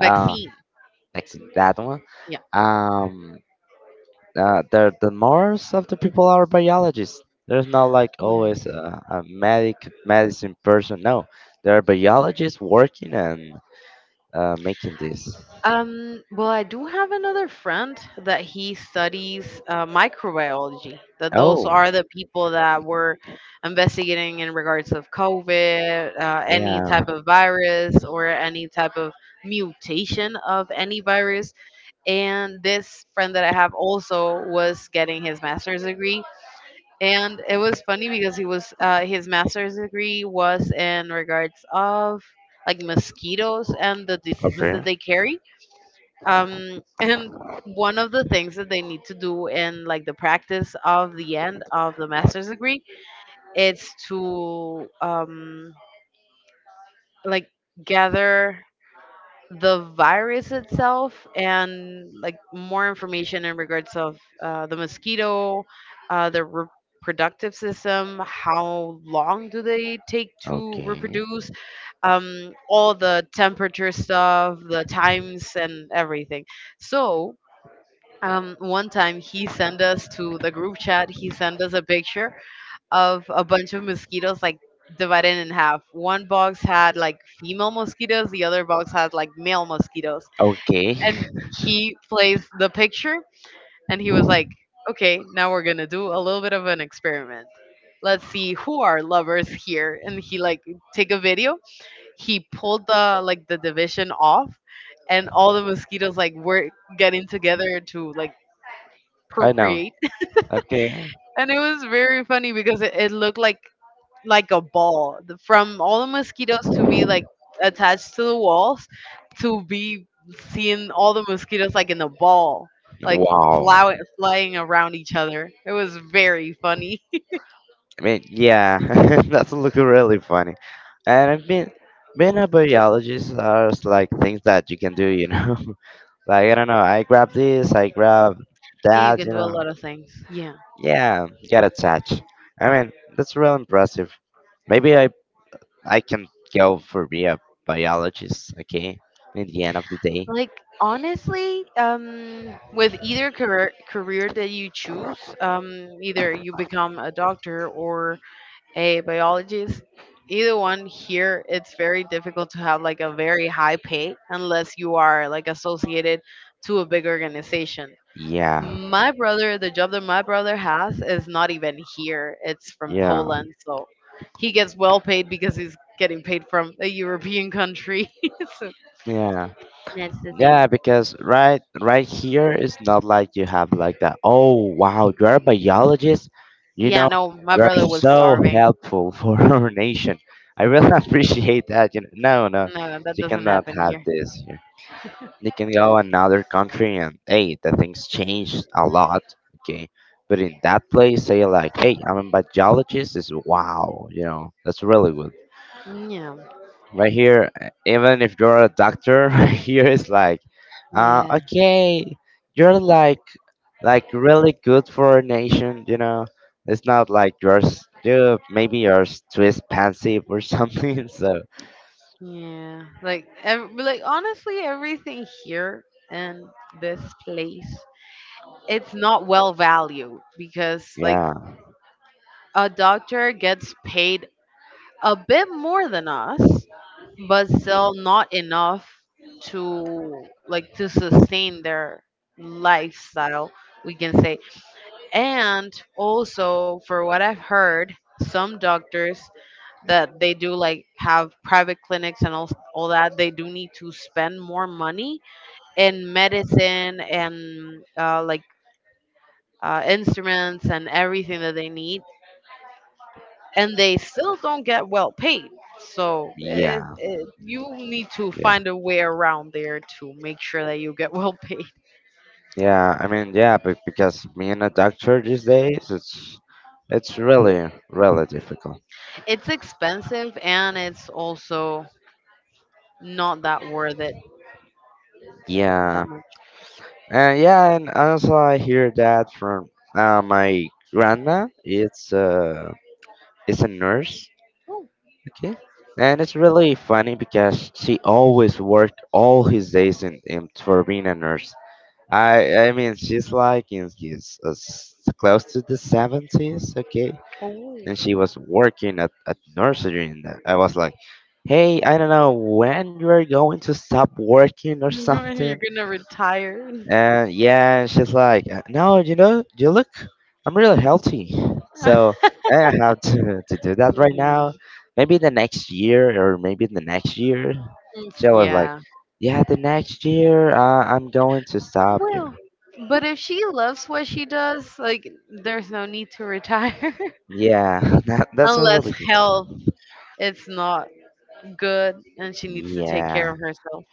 Uh, Vaccine. like [laughs] that one. Yeah. Um, the most of the people are biologists. There's not like Mm. always a medicine person. No, there are biologists working and making this. Well, I do have another friend that he studies microbiology. That those Oh, are the people that were investigating in regards of COVID, any yeah. type of virus or any type of mutation of any virus. And this friend that I have also was getting his master's degree, and it was funny because he was his master's degree was in regards of like mosquitoes and the diseases Okay. that they carry, and one of the things that they need to do in like the practice of the end of the master's degree, it's to like gather the virus itself and like more information in regards of the mosquito, the reproductive system, how long do they take to Okay. reproduce, all the temperature stuff, the times and everything. So, one time he sent us to the group chat he sent us a picture of a bunch of mosquitoes, like divided in half, one box had like female mosquitoes, the other box had like male mosquitoes. Okay. And he plays the picture and he was like, okay, now we're gonna do a little bit of an experiment, let's see who are lovers here. And he like take a video, he pulled the like the division off, and all the mosquitoes like were getting together to like [laughs] I know. procreate. Okay. [laughs] And it was very funny because it looked like a ball, from all the mosquitoes to be like attached to the walls, to be seeing all the mosquitoes like in a ball, like Wow. Flying around each other. It was very funny. I mean, yeah, [laughs] that's looking really funny. And I mean, being a biologist are like things that you can do, you know. [laughs] Like I don't know, I grab [laughs] Yeah, you that, can you do a know. lot of things, yeah. Yeah, get attached. I mean, that's real impressive. Maybe I can go for be a biologist, okay? In the end of the day. Like honestly, with either career that you choose, either you become a doctor or a biologist, either one here, it's very difficult to have like a very high pay unless you are like associated to a big organization. Yeah. My brother, the job that my brother has is not even here, it's from Yeah. Poland. So he gets well paid because he's getting paid from a European country. [laughs] So Yeah. that's the thing. Yeah, because right here it's not like you have like that. Oh wow, you're a biologist. You Yeah, know, no, my you're brother was so starving. helpful for [laughs] our nation. I really [laughs] appreciate that. You know, no, no, No, that you doesn't cannot happen have here. this. They can go another country and hey the things change a lot okay but in that place say like hey I'm a biologist is wow you know that's really good Yeah. right here even if you're a doctor [laughs] right here is like Yeah, okay you're like really good for a nation you know it's not like you maybe too expensive or [laughs] something so Yeah, like like honestly, everything here in this place, it's not well valued, because like yeah a doctor gets paid a bit more than us, but still not enough to like to sustain their lifestyle, we can say. And also, for what I've heard, some doctors that they do like have private clinics and all that, they do need to spend more money in medicine and like instruments and everything that they need, and they still don't get well paid. So yeah you need to yeah find a way around there to make sure that you get [laughs] well paid. Yeah, I mean, yeah, but because being a doctor these days, it's really, really difficult. It's expensive and it's also not that worth it Yeah, that much. and yeah, and also I hear that from my grandma. It's is a nurse. Okay, and it's really funny because she always worked all his days in for being a nurse. I mean, she's like in his close to the 70s. Okay, Oh. and [laughs] she was working at nursery, and I was like, "Hey, I don't know when you are going to stop working or You're something." gonna retire. And yeah, and she's like, no, you know, you look, I'm really healthy, [laughs] Mm. so I don't have to do that right now. Mm. Maybe the next year, or maybe the next year." She was like, Yeah. "Yeah, the next year, I'm going to stop you." Well, but if she loves what she does, like there's no need to retire. [laughs] Yeah, [laughs] that that's a Unless really good health song. it's not good and she needs to take care Yeah. of herself.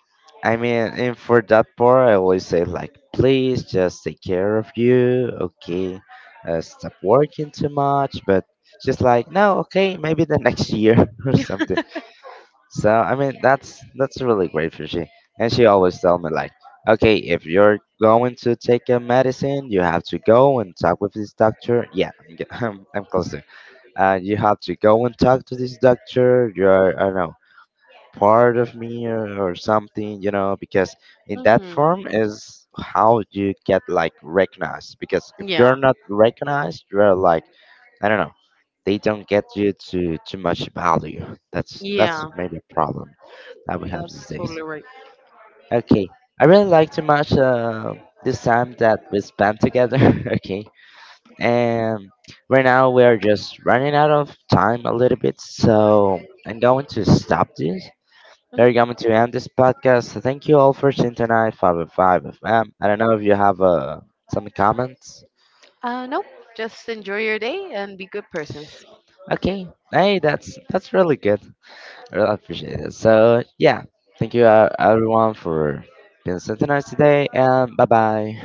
I mean, and for that part, I always say like, please just take care of you, okay? Stop working too much, but just like, no, okay, maybe the next year [laughs] or [laughs] something. So I mean, that's really great for she, and she always tell me like, okay, if you're going to take a medicine, you have to go and talk with this doctor. Yeah, I'm ge- [laughs] I'm closer. You have to go and talk to this doctor. You're I don't know part of me or something, you know, because in that hmm form is how you get like recognized. Because if you're Yeah. not recognized, you're like, I don't know, they don't get you to too much value. That's Yeah. maybe a problem that we have That's these days. totally right. Okay, I really like too much this time that we spent together. [laughs] okay, and right now we are just running out of time a little bit, so I'm going to stop this we're hmm coming to end this podcast. So thank you all for tuning tonight, 505 FM. I don't know if you have some comments. Nope. Just enjoy your day and be good persons. Okay. Hey, that's really good. I really appreciate it. So, yeah. Thank you everyone for being synchronized today, and bye bye.